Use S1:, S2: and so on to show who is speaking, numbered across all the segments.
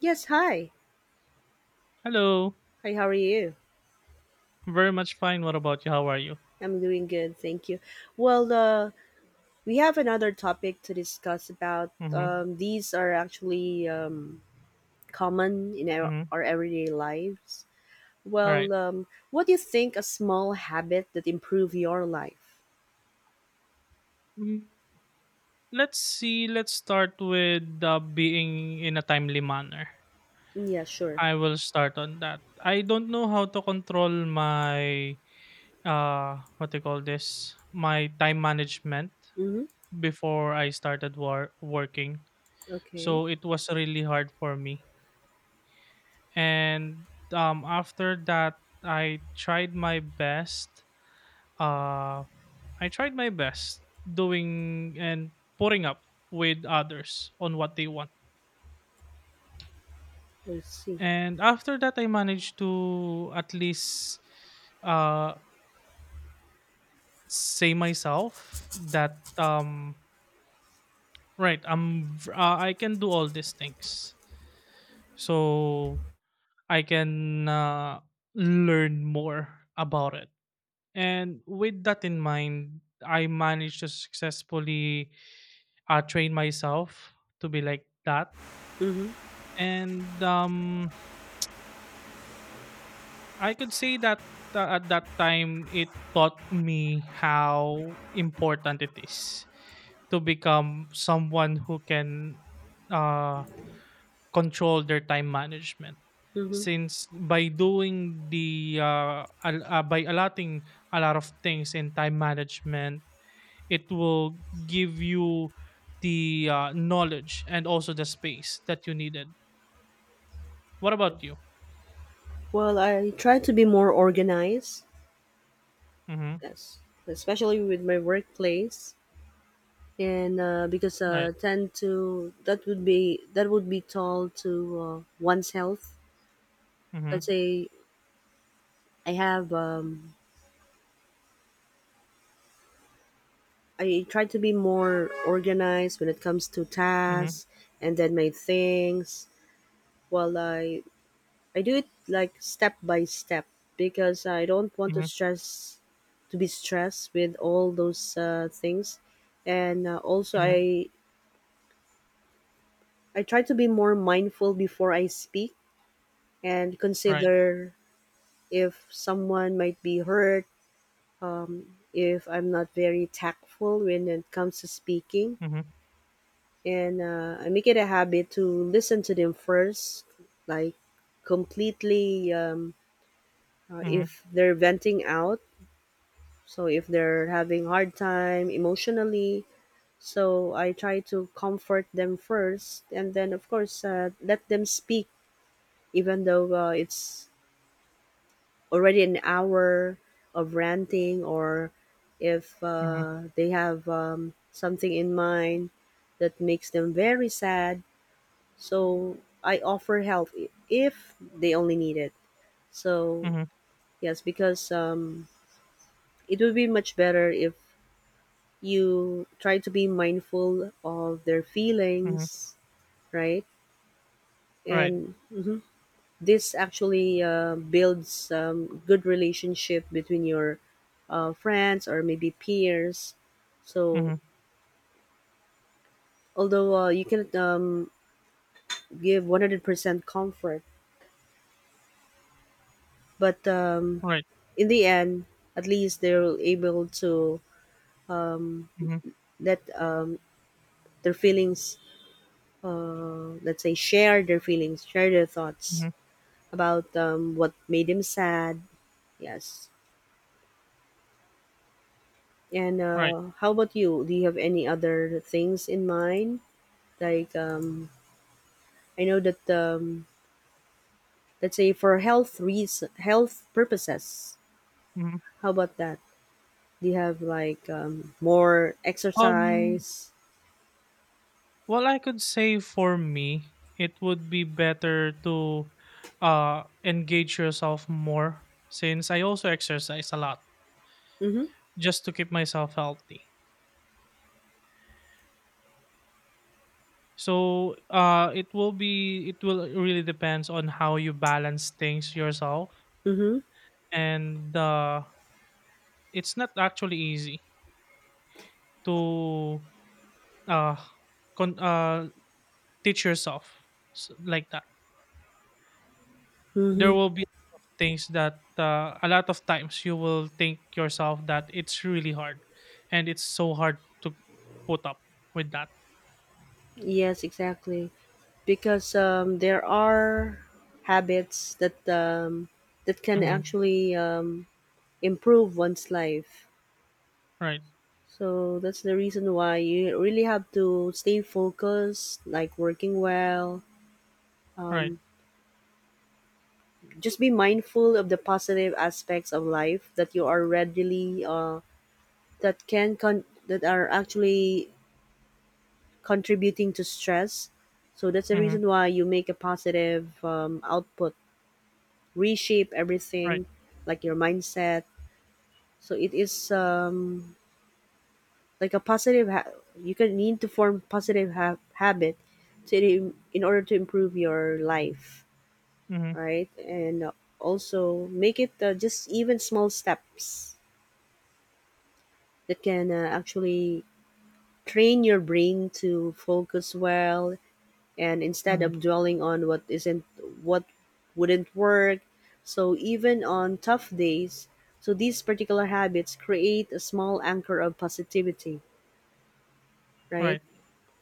S1: Yes, hi.
S2: Hello.
S1: Hi, how are you?
S2: Very much fine. What about you? How are you?
S1: I'm doing good, thank you. Well, uh, we have another topic to discuss about.
S2: Mm-hmm.
S1: These are actually common in our,
S2: Mm-hmm.
S1: our everyday lives.
S2: All right.
S1: What do you think a small habit that improve your life?
S2: Mm, let's see. Let's start with being in a timely manner.
S1: Mm, yeah, sure.
S2: I will start on that. I don't know how to control my what do you call this? My time management
S1: Mm-hmm.
S2: before I started working.
S1: Okay,
S2: So it was really hard for me. And after that I tried my best uh I tried my best doing and putting up with others on what they want.
S1: let's see.
S2: And after that, I managed to at least uh, say myself that right, I can do all these things, so I can learn more about it. And with that in mind, I managed to successfully train myself to be like that.
S1: Mm-hmm.
S2: And, I could say that, at that time, it taught me how important it is to become someone who can uh, control their time management.
S1: Mm-hmm.
S2: Since by doing the by allotting a lot of things in time management, it will give you the knowledge and also the space that you needed. What about you?
S1: Well, I try to be more organized.
S2: Mm-hmm.
S1: Yes, especially with my workplace. And because
S2: Right.
S1: tend to that would be told to one's health. Let's
S2: Mm-hmm.
S1: say I have. I try to be more organized when it comes to
S2: Mm-hmm.
S1: tasks and then my things. While I do it like step by step because I don't want to
S2: Mhm,
S1: stress, to be stressed with all those things, and also
S2: mhm,
S1: I try to be more mindful before I speak and
S2: right.
S1: consider if someone might be hurt, if I'm not very tactful when it comes to speaking.
S2: Mhm,
S1: And I make it a habit to listen to them first, like completely,
S2: mhm,
S1: if they're venting out. So if they're having hard time emotionally, so I try to comfort them first, and then of course let them speak, even though it's already an hour of ranting or if
S2: mhm,
S1: they have something in mind that makes them very sad. So I offer help if they only need it. So,
S2: mhm,
S1: yes, because it would be much better if you try to be mindful of their
S2: mhm,
S1: feelings, right?
S2: right.
S1: And mhm. This actually builds good relationship between your friends or maybe peers. So
S2: Mhm,
S1: although you can give 100% comfort, but
S2: right.
S1: in the end, at least they're able to
S2: Mhm,
S1: let their feelings, let's say, share their feelings, share their thoughts
S2: mhm,
S1: about what made them sad. Yes. And
S2: right.
S1: how about you? Do you have any other things in mind? Like I know that let's say for health reason, health purposes,
S2: Mhm.
S1: how about that? Do you have like more
S2: Um,
S1: exercise?
S2: well, I could say for me, it would be better to engage yourself more, since I also exercise a lot
S1: Mm-hmm.
S2: just to keep myself healthy. So, it will be it will really depends on how you balance things yourself.
S1: Mm-hmm.
S2: And it's not actually easy to uh con- uh teach yourself like that. There
S1: Mm-hmm.
S2: will be things that a lot of times you will think yourself that it's really hard and it's so hard to put up with that.
S1: Yes, exactly, because there are habits that that can
S2: Hmm.
S1: actually improve one's life.
S2: Right.
S1: So that's the reason why you really have to stay focused, like working well
S2: Right.
S1: um just be mindful of the positive aspects of life that you are readily, that that are actually contributing to stress. So that's the
S2: Hmm.
S1: reason why you make a positive output, reshape
S2: Right.
S1: everything, like your mindset. So it is like a you can need to form positive habit to in order to improve your life,
S2: Hmm.
S1: right? And also make it just even small steps that can actually train your brain to focus well, and instead
S2: Hmm.
S1: of dwelling on what isn't, what wouldn't work. So even on tough days, so these particular habits create a small anchor of positivity, right?
S2: Right.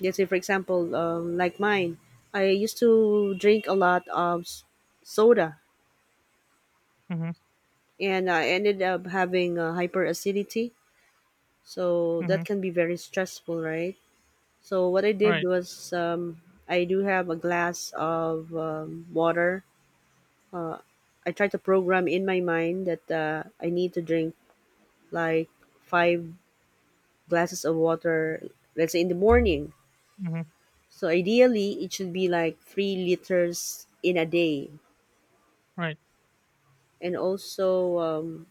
S1: Let's say for example like mine. I used to drink a lot of soda,
S2: Hmm.
S1: and I ended up having hyperacidity. So
S2: Hmm.
S1: that can be very stressful, right? So what I did
S2: Right.
S1: was I do have a glass of water. Uh, I try to program in my mind that I need to drink like 5 glasses of water, let's say in the morning.
S2: Hmm.
S1: So ideally, it should be like 3 liters in a day.
S2: Right.
S1: And also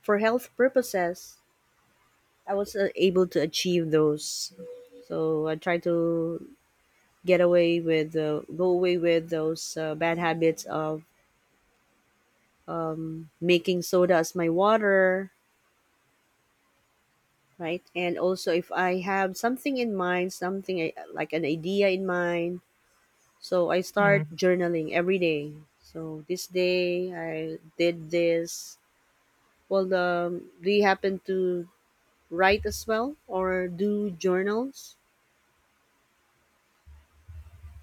S1: for health purposes, I was able to achieve those. So I try to get away with, go away with those bad habits of making soda as my water, right? And also, if I have something in mind, something like an idea in mind, so I start
S2: Hmm.
S1: journaling every day. So this day I did this. Well, do you happen to write as well or do journals?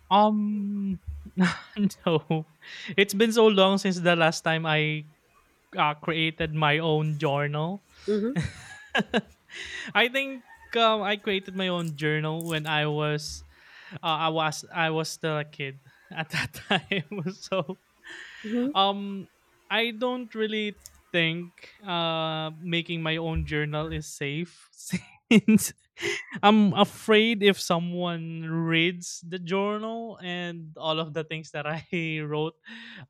S2: Um, no, it's been so long since the last time I created my own journal.
S1: Mm-hmm.
S2: I think I created my own journal when I was I was still a kid at that time. So
S1: Mm-hmm.
S2: um, I don't really think making my own journal is safe since I'm afraid if someone reads the journal and all of the things that I wrote.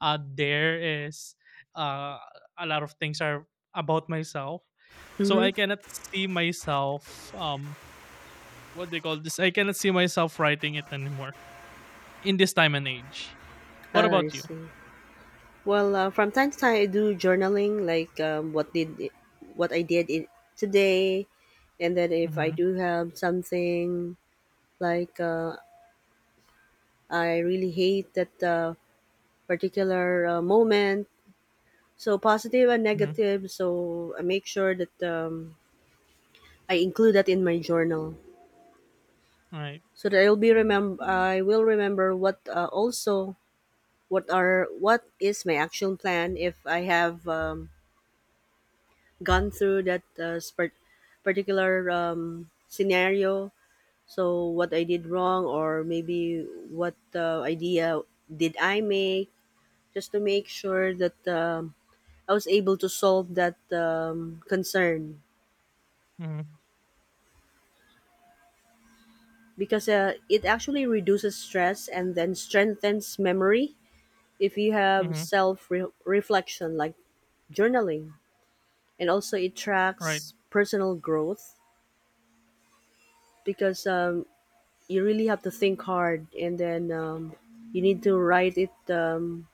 S2: There is uh a lot of things are about myself. So I
S1: Mm-hmm.
S2: cannot see myself what they call this? I cannot see myself writing it anymore in this time and age.
S1: Ah,
S2: What
S1: I
S2: about you?
S1: see. Well, from time to time, I do journaling, like what I did in, today, and then if I
S2: Mm-hmm.
S1: do have something like I really hate that particular moment, so positive and
S2: Mm-hmm.
S1: negative, so I make sure that I include that in my journal,
S2: All right.
S1: so that I'll be remember. I will remember what also what are what is my action plan if I have. Gone through that particular scenario. So what I did wrong, or maybe what idea did I make, just to make sure that I was able to solve that concern,
S2: Mm-hmm.
S1: because it actually reduces stress and then strengthens memory if you have
S2: Mhm.
S1: self reflection like journaling, and also it
S2: Right,
S1: tracks personal growth, because you really have to think hard and then you need to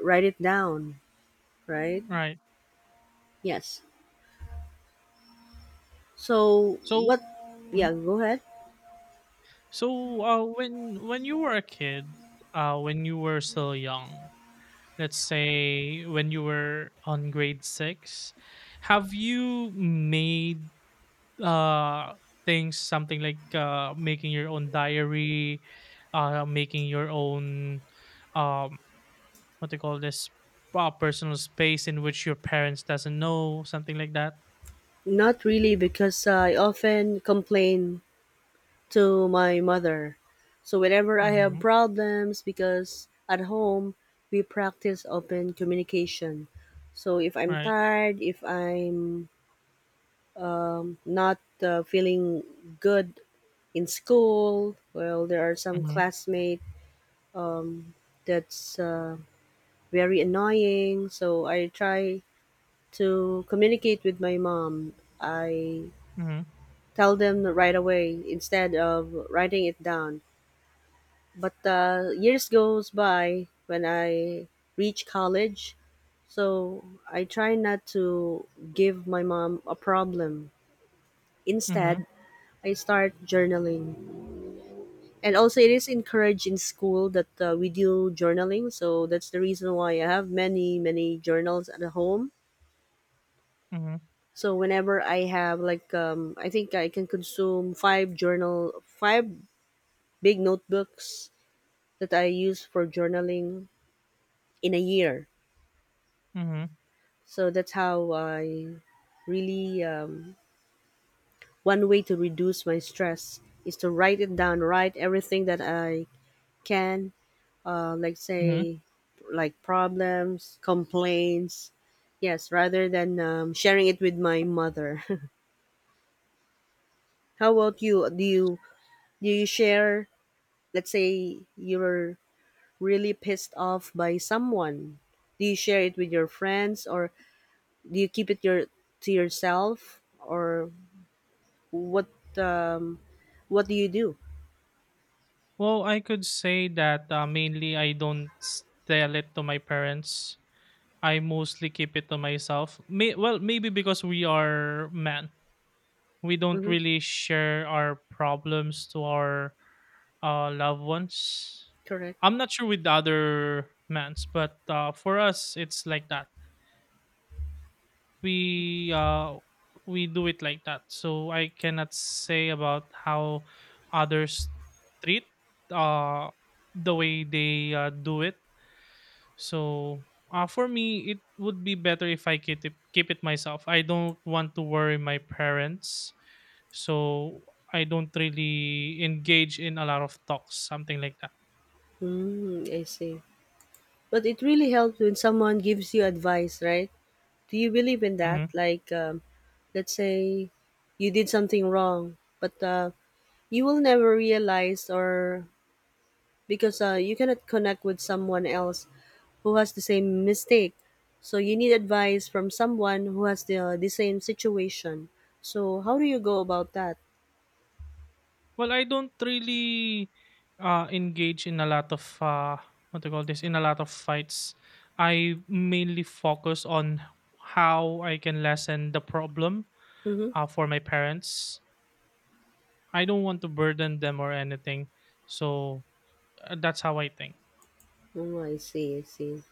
S1: write it down, right?
S2: right.
S1: Yes. So
S2: So
S1: what?
S2: mhm.
S1: Yeah, go ahead.
S2: So, when you were a kid, when you were still young, let's say when you were on grade 6, have you made, uh, things something like, making your own diary, making your own, um, what do you call this, personal space in which your parents doesn't know, something like that?
S1: Not really, because I often complain to my mother, so whenever I have
S2: Mhm.
S1: problems, because at home we practice open communication. So if I'm
S2: Right.
S1: tired, if I'm not feeling good in school, well there are some
S2: Mhm.
S1: classmates um, that's very annoying. So I try to communicate with my mom. I
S2: Mhm.
S1: tell them right away instead of writing it down. But years goes by when I reach college, so I try not to give my mom a problem. Instead,
S2: Mhm.
S1: I start journaling. And also, it is encouraged in school that we do journaling. So that's the reason why I have many, many journals at home.
S2: Mhm.
S1: So whenever I have like I think I can consume five big notebooks that I use for journaling in a year.
S2: Mhm,
S1: So that's how I really one way to reduce my stress is to write it down, write everything that I can, like
S2: mhm.
S1: say like problems, complaints. Yes, rather than sharing it with my mother. How about you? Do you share, let's say you're really pissed off by someone, do you share it with your friends or do you keep it your to yourself, or what, um, what do you do?
S2: Well, I could say that, mainly I don't s tell it to my parents. I mostly keep it to myself. May well, maybe because we are men. We don't
S1: Mm-hmm.
S2: really share our problems to our, loved ones.
S1: Correct.
S2: I'm not sure with the other men's, but, for us, it's like that. We we do it like that, so I cannot say about how others treat uh the way they do it. So for me it would be better if I keep it myself. I don't want to worry my parents, so I don't really engage in a lot of talks, something like that.
S1: Mm, I see. But it really helps when someone gives you advice, right? Do you believe in that?
S2: Mm-hmm.
S1: Like let's say you did something wrong but you will never realize, or because you cannot connect with someone else who has the same mistake. So you need advice from someone who has the same situation. So how do you go about that?
S2: Well, I don't really engage in a lot of what do you call this in a lot of fights. I mainly focus on how I can lessen the problem
S1: Mm-hmm.
S2: for my parents. I don't want to burden them or anything, so that's how I think.
S1: Oh, I see, I see.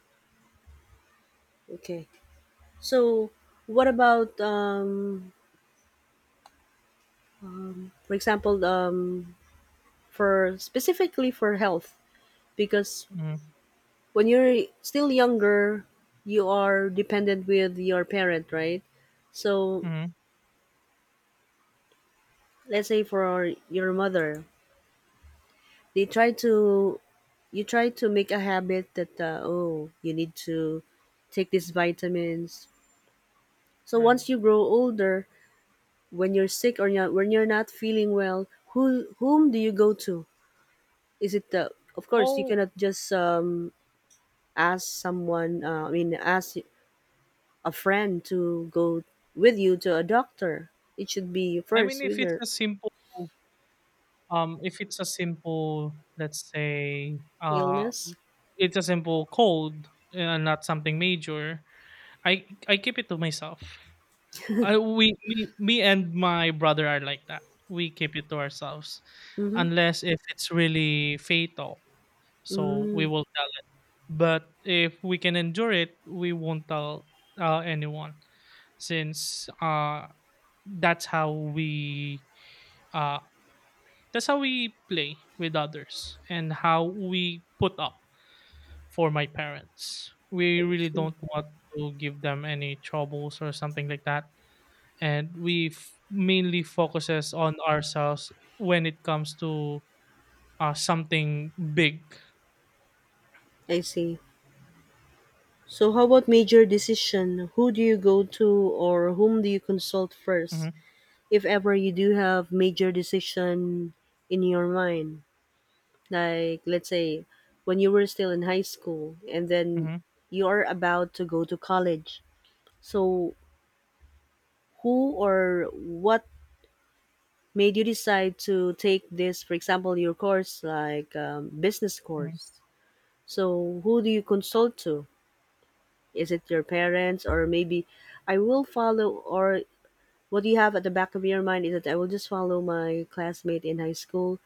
S1: Okay. So what about, for example, for specifically for health? Because
S2: Mm-hmm.
S1: when you're still younger, you are dependent with your parent, right? So
S2: Hmm.
S1: let's say for your mother, they try to you try to make a habit that oh you need to take these vitamins, so
S2: Right.
S1: once you grow older, when you're sick or not, when you're not feeling well, who whom do you go to? Is it the of course you
S2: Well,
S1: cannot just ask someone ask a friend to go with you to a doctor? It should be
S2: I mean,
S1: first with
S2: if it's
S1: your
S2: a simple, if it's a simple, let's say,
S1: illness.
S2: it's a simple cold and not something major, I keep it to myself. I we me Me and my brother are like that. We keep it to ourselves,
S1: Mm-hmm.
S2: unless if it's really fatal. So we
S1: Mm,
S2: will tell it. But if we can endure it, we won't tell anyone, since that's how we uh that's how we play with others and how we put up for my parents. We
S1: I
S2: really
S1: see.
S2: don't want to give them any troubles or something like that, and we mainly focuses on ourselves when it comes to something big.
S1: I see. So, how about major decision? Who do you go to or whom do you consult first?
S2: Hmm.
S1: If ever you do have major decision in your mind, like let's say when you were still in high school and then
S2: Hmm.
S1: you are about to go to college. So, who or what made you decide to take this, for example, your course, like business
S2: Hmm.
S1: course? So, who do you consult to? Is it your parents, or maybe I will follow, or what you have at the back of your mind is that I will just follow my classmate in high school,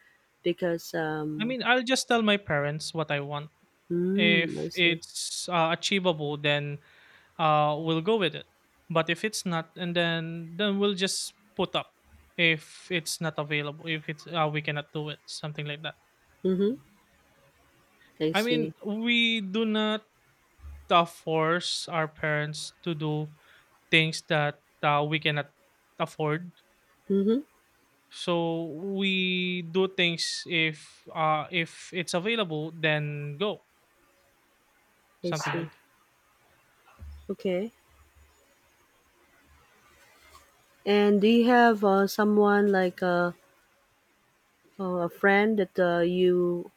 S1: because
S2: I mean, I'll just tell my parents what I want.
S1: mm, I
S2: If
S1: see.
S2: it's achievable, then we'll go with it. But if it's not, and then we'll just put up. If it's not available, if it's we cannot do it, something like that.
S1: Mm-hmm. I
S2: I
S1: see.
S2: mean, we do not force our parents to do things that we cannot afford.
S1: Mm-hmm.
S2: So we do things if it's available, then go
S1: I
S2: something
S1: see.
S2: like.
S1: Okay. And do you have someone like a friend that you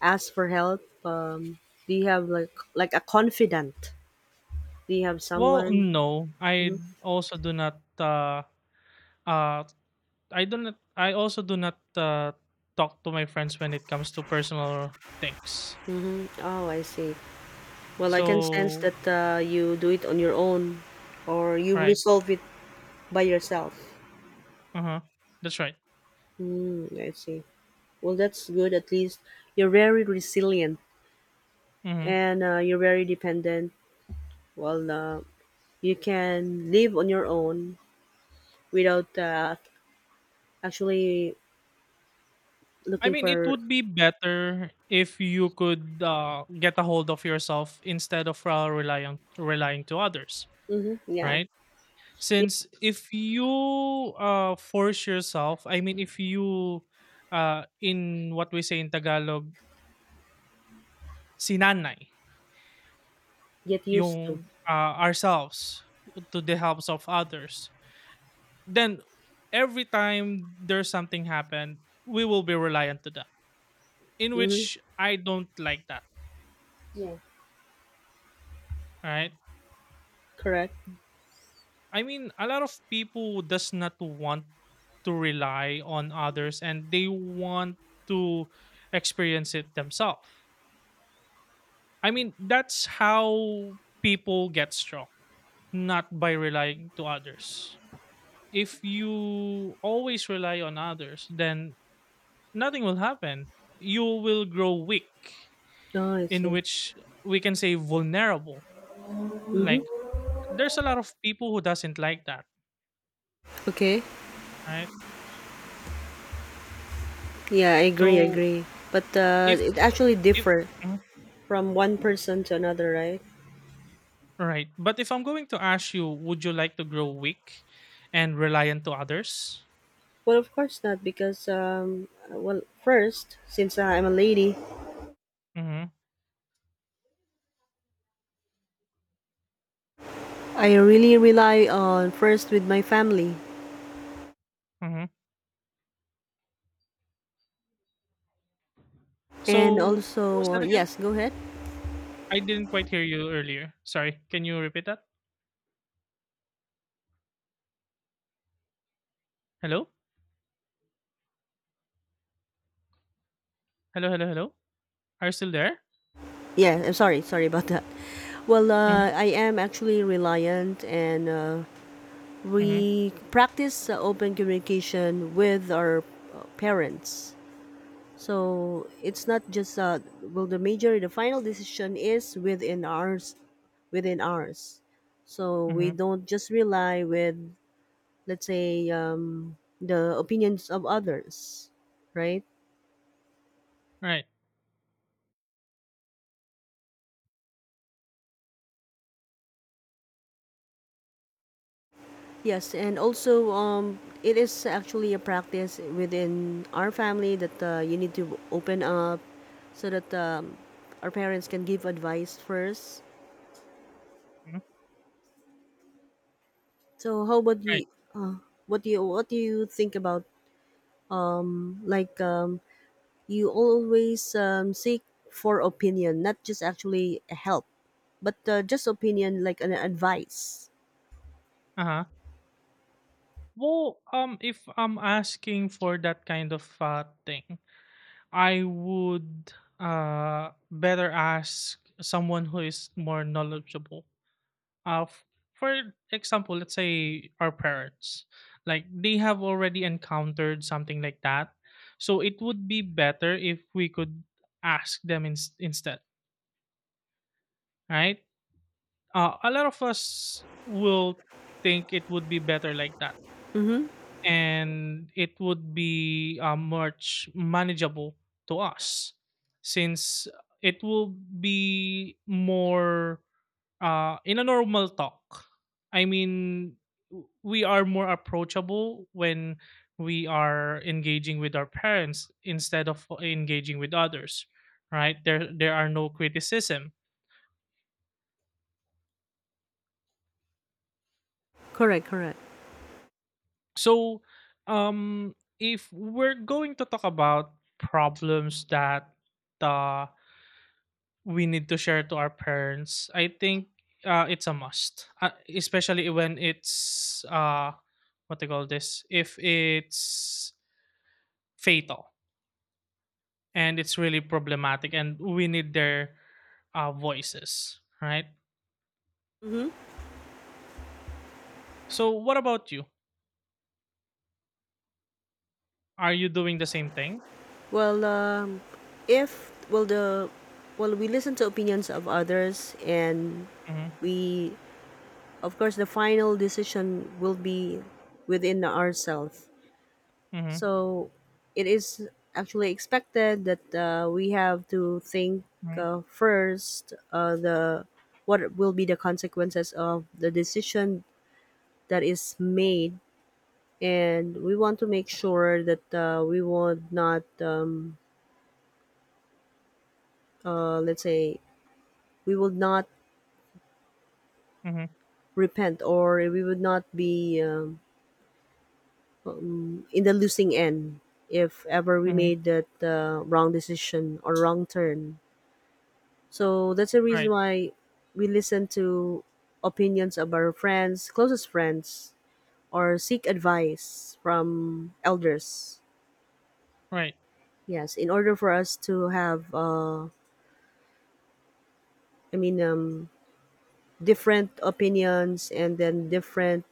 S1: ask for help? Do you have like a confidant? Do you have
S2: Well,
S1: someone?
S2: no, I
S1: Mhm.
S2: also do not. Uh, I do not. I also do not talk to my friends when it comes to personal things.
S1: Oh, I see. Well, I can sense
S2: So
S1: that you do it on your own, or you
S2: right,
S1: resolve it by yourself.
S2: uh huh, that's right.
S1: Mm, I see. Well, that's good. At least you're very resilient
S2: Mm-hmm.
S1: and you're very dependent. Well, you can live on your own without actually
S2: I
S1: looking
S2: mean, it
S1: for.
S2: would be better if you could get a hold of yourself instead of uh, relying to others,
S1: Hmm, yeah,
S2: right? Since if you force yourself, I mean, if you in what we say in Tagalog, sinanay
S1: get used to.
S2: yung ourselves to the helps of others, then every time there's something happen, we will be reliant to them. In
S1: Hmm.
S2: which I don't like that,
S1: Yeah,
S2: right?
S1: correct.
S2: I mean, a lot of people does not want to rely on others, and they want to experience it themselves. I mean, that's how people get strong, not by relying to others. If you always rely on others, then nothing will happen. You will grow weak,
S1: Oh, I
S2: in
S1: see.
S2: which we can say vulnerable. Like there's a lot of people who doesn't like that,
S1: Okay.
S2: right?
S1: Yeah, I agree. I
S2: So
S1: agree. But
S2: if
S1: it actually
S2: if
S1: differ
S2: mm-hmm.
S1: from one person to another, right?
S2: Right. But if I'm going to ask you, would you like to grow weak and reliant to others?
S1: Well, of course not, because well, first, since I'm a lady,
S2: Mm-hmm.
S1: I really rely on first with my family,
S2: Mm-hmm.
S1: and
S2: So what was
S1: also
S2: that again?
S1: yes, go ahead.
S2: I didn't quite hear you earlier. Sorry. Can you repeat that? Hello? Hello, hello, hello? Are you still there?
S1: Yeah, I'm sorry, sorry about that. Well,
S2: Mm-hmm.
S1: uh, I am actually reliant and
S2: Mm-hmm.
S1: we practice open communication with our parents. So it's not just well the major the final decision is within ours within ours. So we
S2: Mm-hmm.
S1: don't just rely with let's say the opinions of others, right?
S2: Right.
S1: Yes, and also it is actually a practice within our family that you need to open up so that our parents can give advice first.
S2: Mm-hmm.
S1: So how about you?
S2: Right.
S1: Uh, what do you what do you think about like you always seek for opinion, not just actually help, but just opinion like an advice.
S2: Uh-huh. Well, if I'm asking for that kind of thing, I would better ask someone who is more knowledgeable, uh, f- for example, let's say our parents, like they have already encountered something like that. So it would be better if we could ask them instead, right? A lot of us will think it would be better like that.
S1: Mm-hmm.
S2: And it would be much manageable to us, since it will be more in a normal talk. I mean, we are more approachable when we are engaging with our parents instead of engaging with others, right? There are no criticism.
S1: Correct. Correct.
S2: So, if we're going to talk about problems that uh, we need to share to our parents, I think it's a must, especially when it's what they call this. If it's fatal and it's really problematic, and we need their voices, right?
S1: Mm-hmm.
S2: So what about you? Are you doing the same thing?
S1: Well, if well the well we listen to opinions of others and
S2: Mm-hmm.
S1: we of course the final decision will be within ourselves.
S2: Mm-hmm.
S1: So it is actually expected that we have to think
S2: Mm-hmm.
S1: first, the what will be the consequences of the decision that is made, and we want to make sure that we will not let's say we will not
S2: Mm-hmm.
S1: repent, or we would not be in the losing end if ever we
S2: Mm-hmm.
S1: made that wrong decision or wrong turn. So that's the reason
S2: Right.
S1: why we listen to opinions of our friends, closest friends, or seek advice from elders.
S2: Right.
S1: Yes, in order for us to have, I mean, um, different opinions and then different,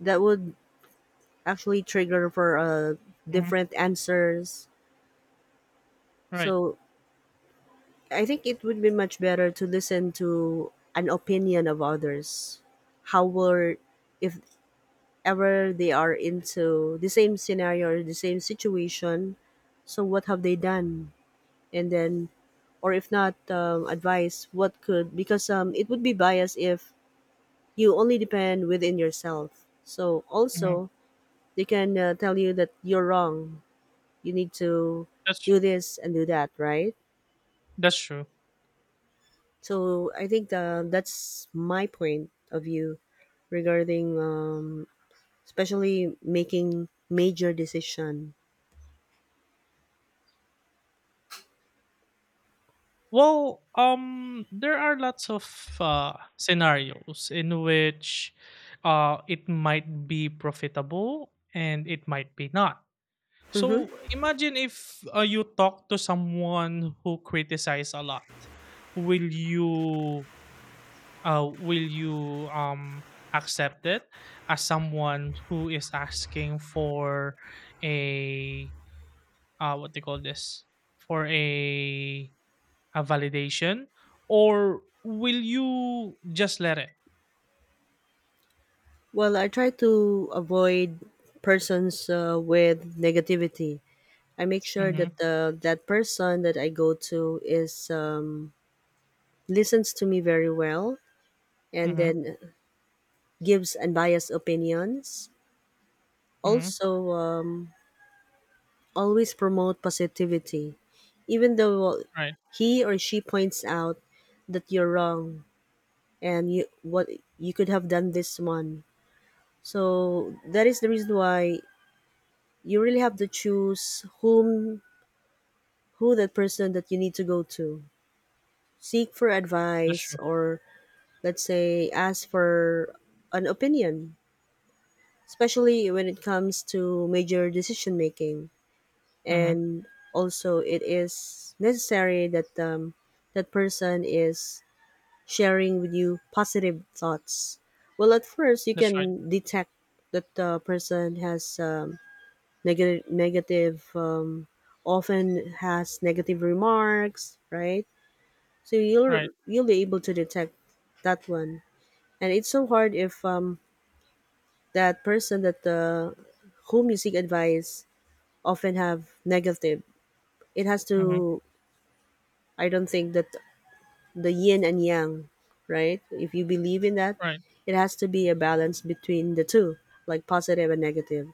S1: that would actually trigger for
S2: Mm-hmm.
S1: different answers.
S2: Right.
S1: So I think it would be much better to listen to an opinion of others. How were, if ever they are into the same scenario or the same situation, so what have they done? And then, or if not, advice, what could, because it would be biased if you only depend within yourself. So
S2: Mm-hmm.
S1: also, they can tell you that you're wrong. You need to
S2: that's
S1: do this and do that, right?
S2: that's true.
S1: So I think that's my point of view regarding, especially making major decision.
S2: Well there are lots of scenarios in which it might be profitable and it might be not.
S1: Hmm.
S2: So imagine if you talk to someone who criticize a lot. Will you will you accept it as someone who is asking for a what they call this, for a validation, or will you just let it?
S1: Well, I try to avoid persons with negativity. I make sure
S2: Mhm.
S1: that that person that I go to is, listens to me very well and
S2: Mhm.
S1: then gives unbiased opinions.
S2: Mhm.
S1: Also, always promote positivity, even though
S2: Right.
S1: he or she points out that you're wrong and you what you could have done this one. So that is the reason why you really have to choose who that person that you need to go to. Seek for
S2: That's
S1: advice
S2: true.
S1: or let's say ask for an opinion, especially when it comes to major decision making.
S2: Mhm.
S1: And also it is necessary that that person is sharing with you positive thoughts. Well, at first you
S2: That's right.
S1: can detect that the person has, negative, often has negative remarks, right? So you'll
S2: Right.
S1: you'll be able to detect that one. And it's so hard if that person that the whom you seek advice often have negative, it has
S2: Mhm.
S1: to, I don't think that, the yin and yang, right? If you believe in that,
S2: Right.
S1: it has to be a balance between the two, like positive and negative.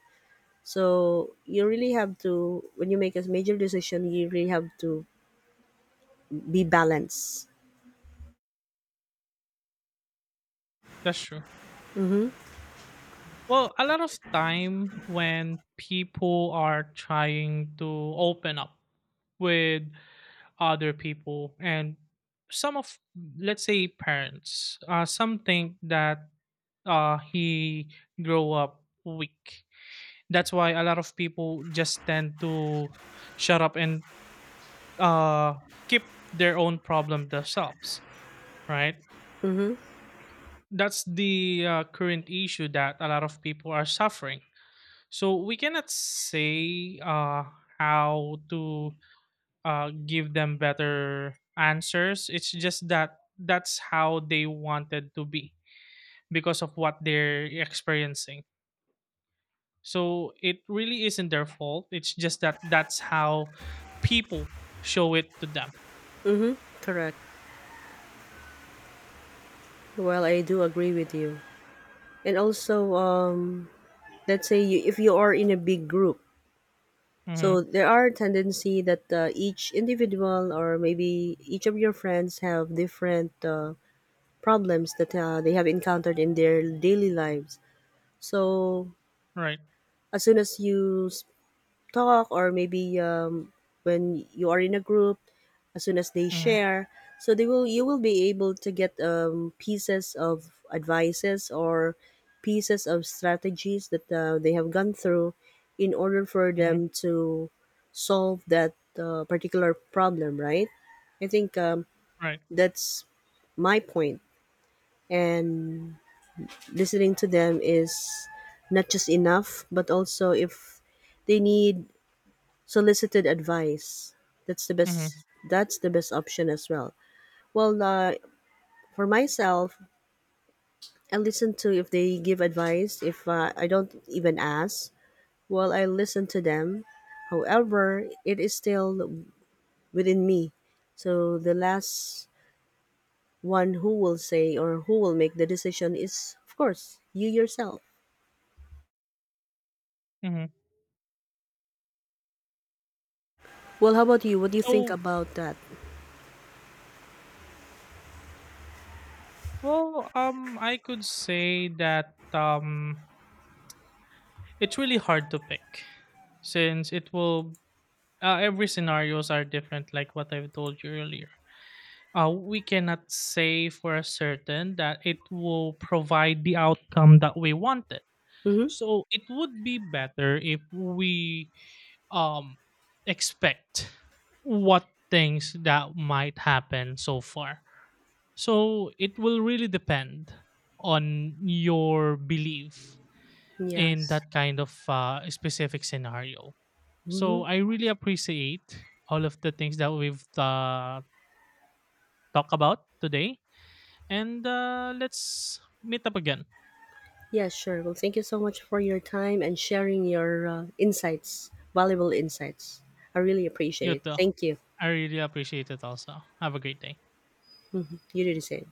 S1: So you really have to, when you make a major decision, you really have to be balanced.
S2: That's true. Well, a lot of time when people are trying to open up with other people, and some of, let's say, parents, some think that he grow up weak. That's why a lot of people just tend to shut up and uh, keep their own problem themselves, right?
S1: Mm-hmm.
S2: That's the current issue that a lot of people are suffering. So we cannot say how to give them better answers. It's just that that's how they wanted to be because of what they're experiencing. So it really isn't their fault. It's just that that's how people show it to them.
S1: Mm-hmm. Correct. Well, I do agree with you. And also, let's say you, if you are in a big group, so
S2: Mm-hmm.
S1: there are tendency that each individual or maybe each of your friends have different problems that they have encountered in their daily lives. So
S2: Right.
S1: as soon as you s- talk, or maybe when you are in a group, as soon as they
S2: Mm-hmm.
S1: share, so they will you will be able to get pieces of advices or pieces of strategies that they have gone through in order for
S2: Mm-hmm.
S1: them to solve that particular problem, right? I think
S2: Right.
S1: that's my point. And listening to them is not just enough, but also if they need solicited advice, that's the best.
S2: Mm-hmm.
S1: That's the best option as well. Well, for myself, I listen to if they give advice. If I don't even ask, well, I listen to them. However, it is still within me. So the last one who will say or who will make the decision is, of course, you yourself.
S2: Mm-hmm.
S1: Well, how about you? What do you think
S2: So
S1: about that?
S2: well, I could say that it's really hard to pick, since it will every scenarios are different. Like what I've told you earlier, we cannot say for a certain that it will provide the outcome that we wanted.
S1: Hmm.
S2: So it would be better if we um expect what things that might happen so far. So it will really depend on your belief
S1: Yes.
S2: in that kind of specific scenario.
S1: Hmm.
S2: So I really appreciate all of the things that we've talked about today. And let's meet up again.
S1: Yeah, sure. Well, thank you so much for your time and sharing your insights, valuable insights. I really
S2: You
S1: appreciate it.
S2: too.
S1: Thank you.
S2: I really appreciate it also. Have a great day.
S1: You do the same.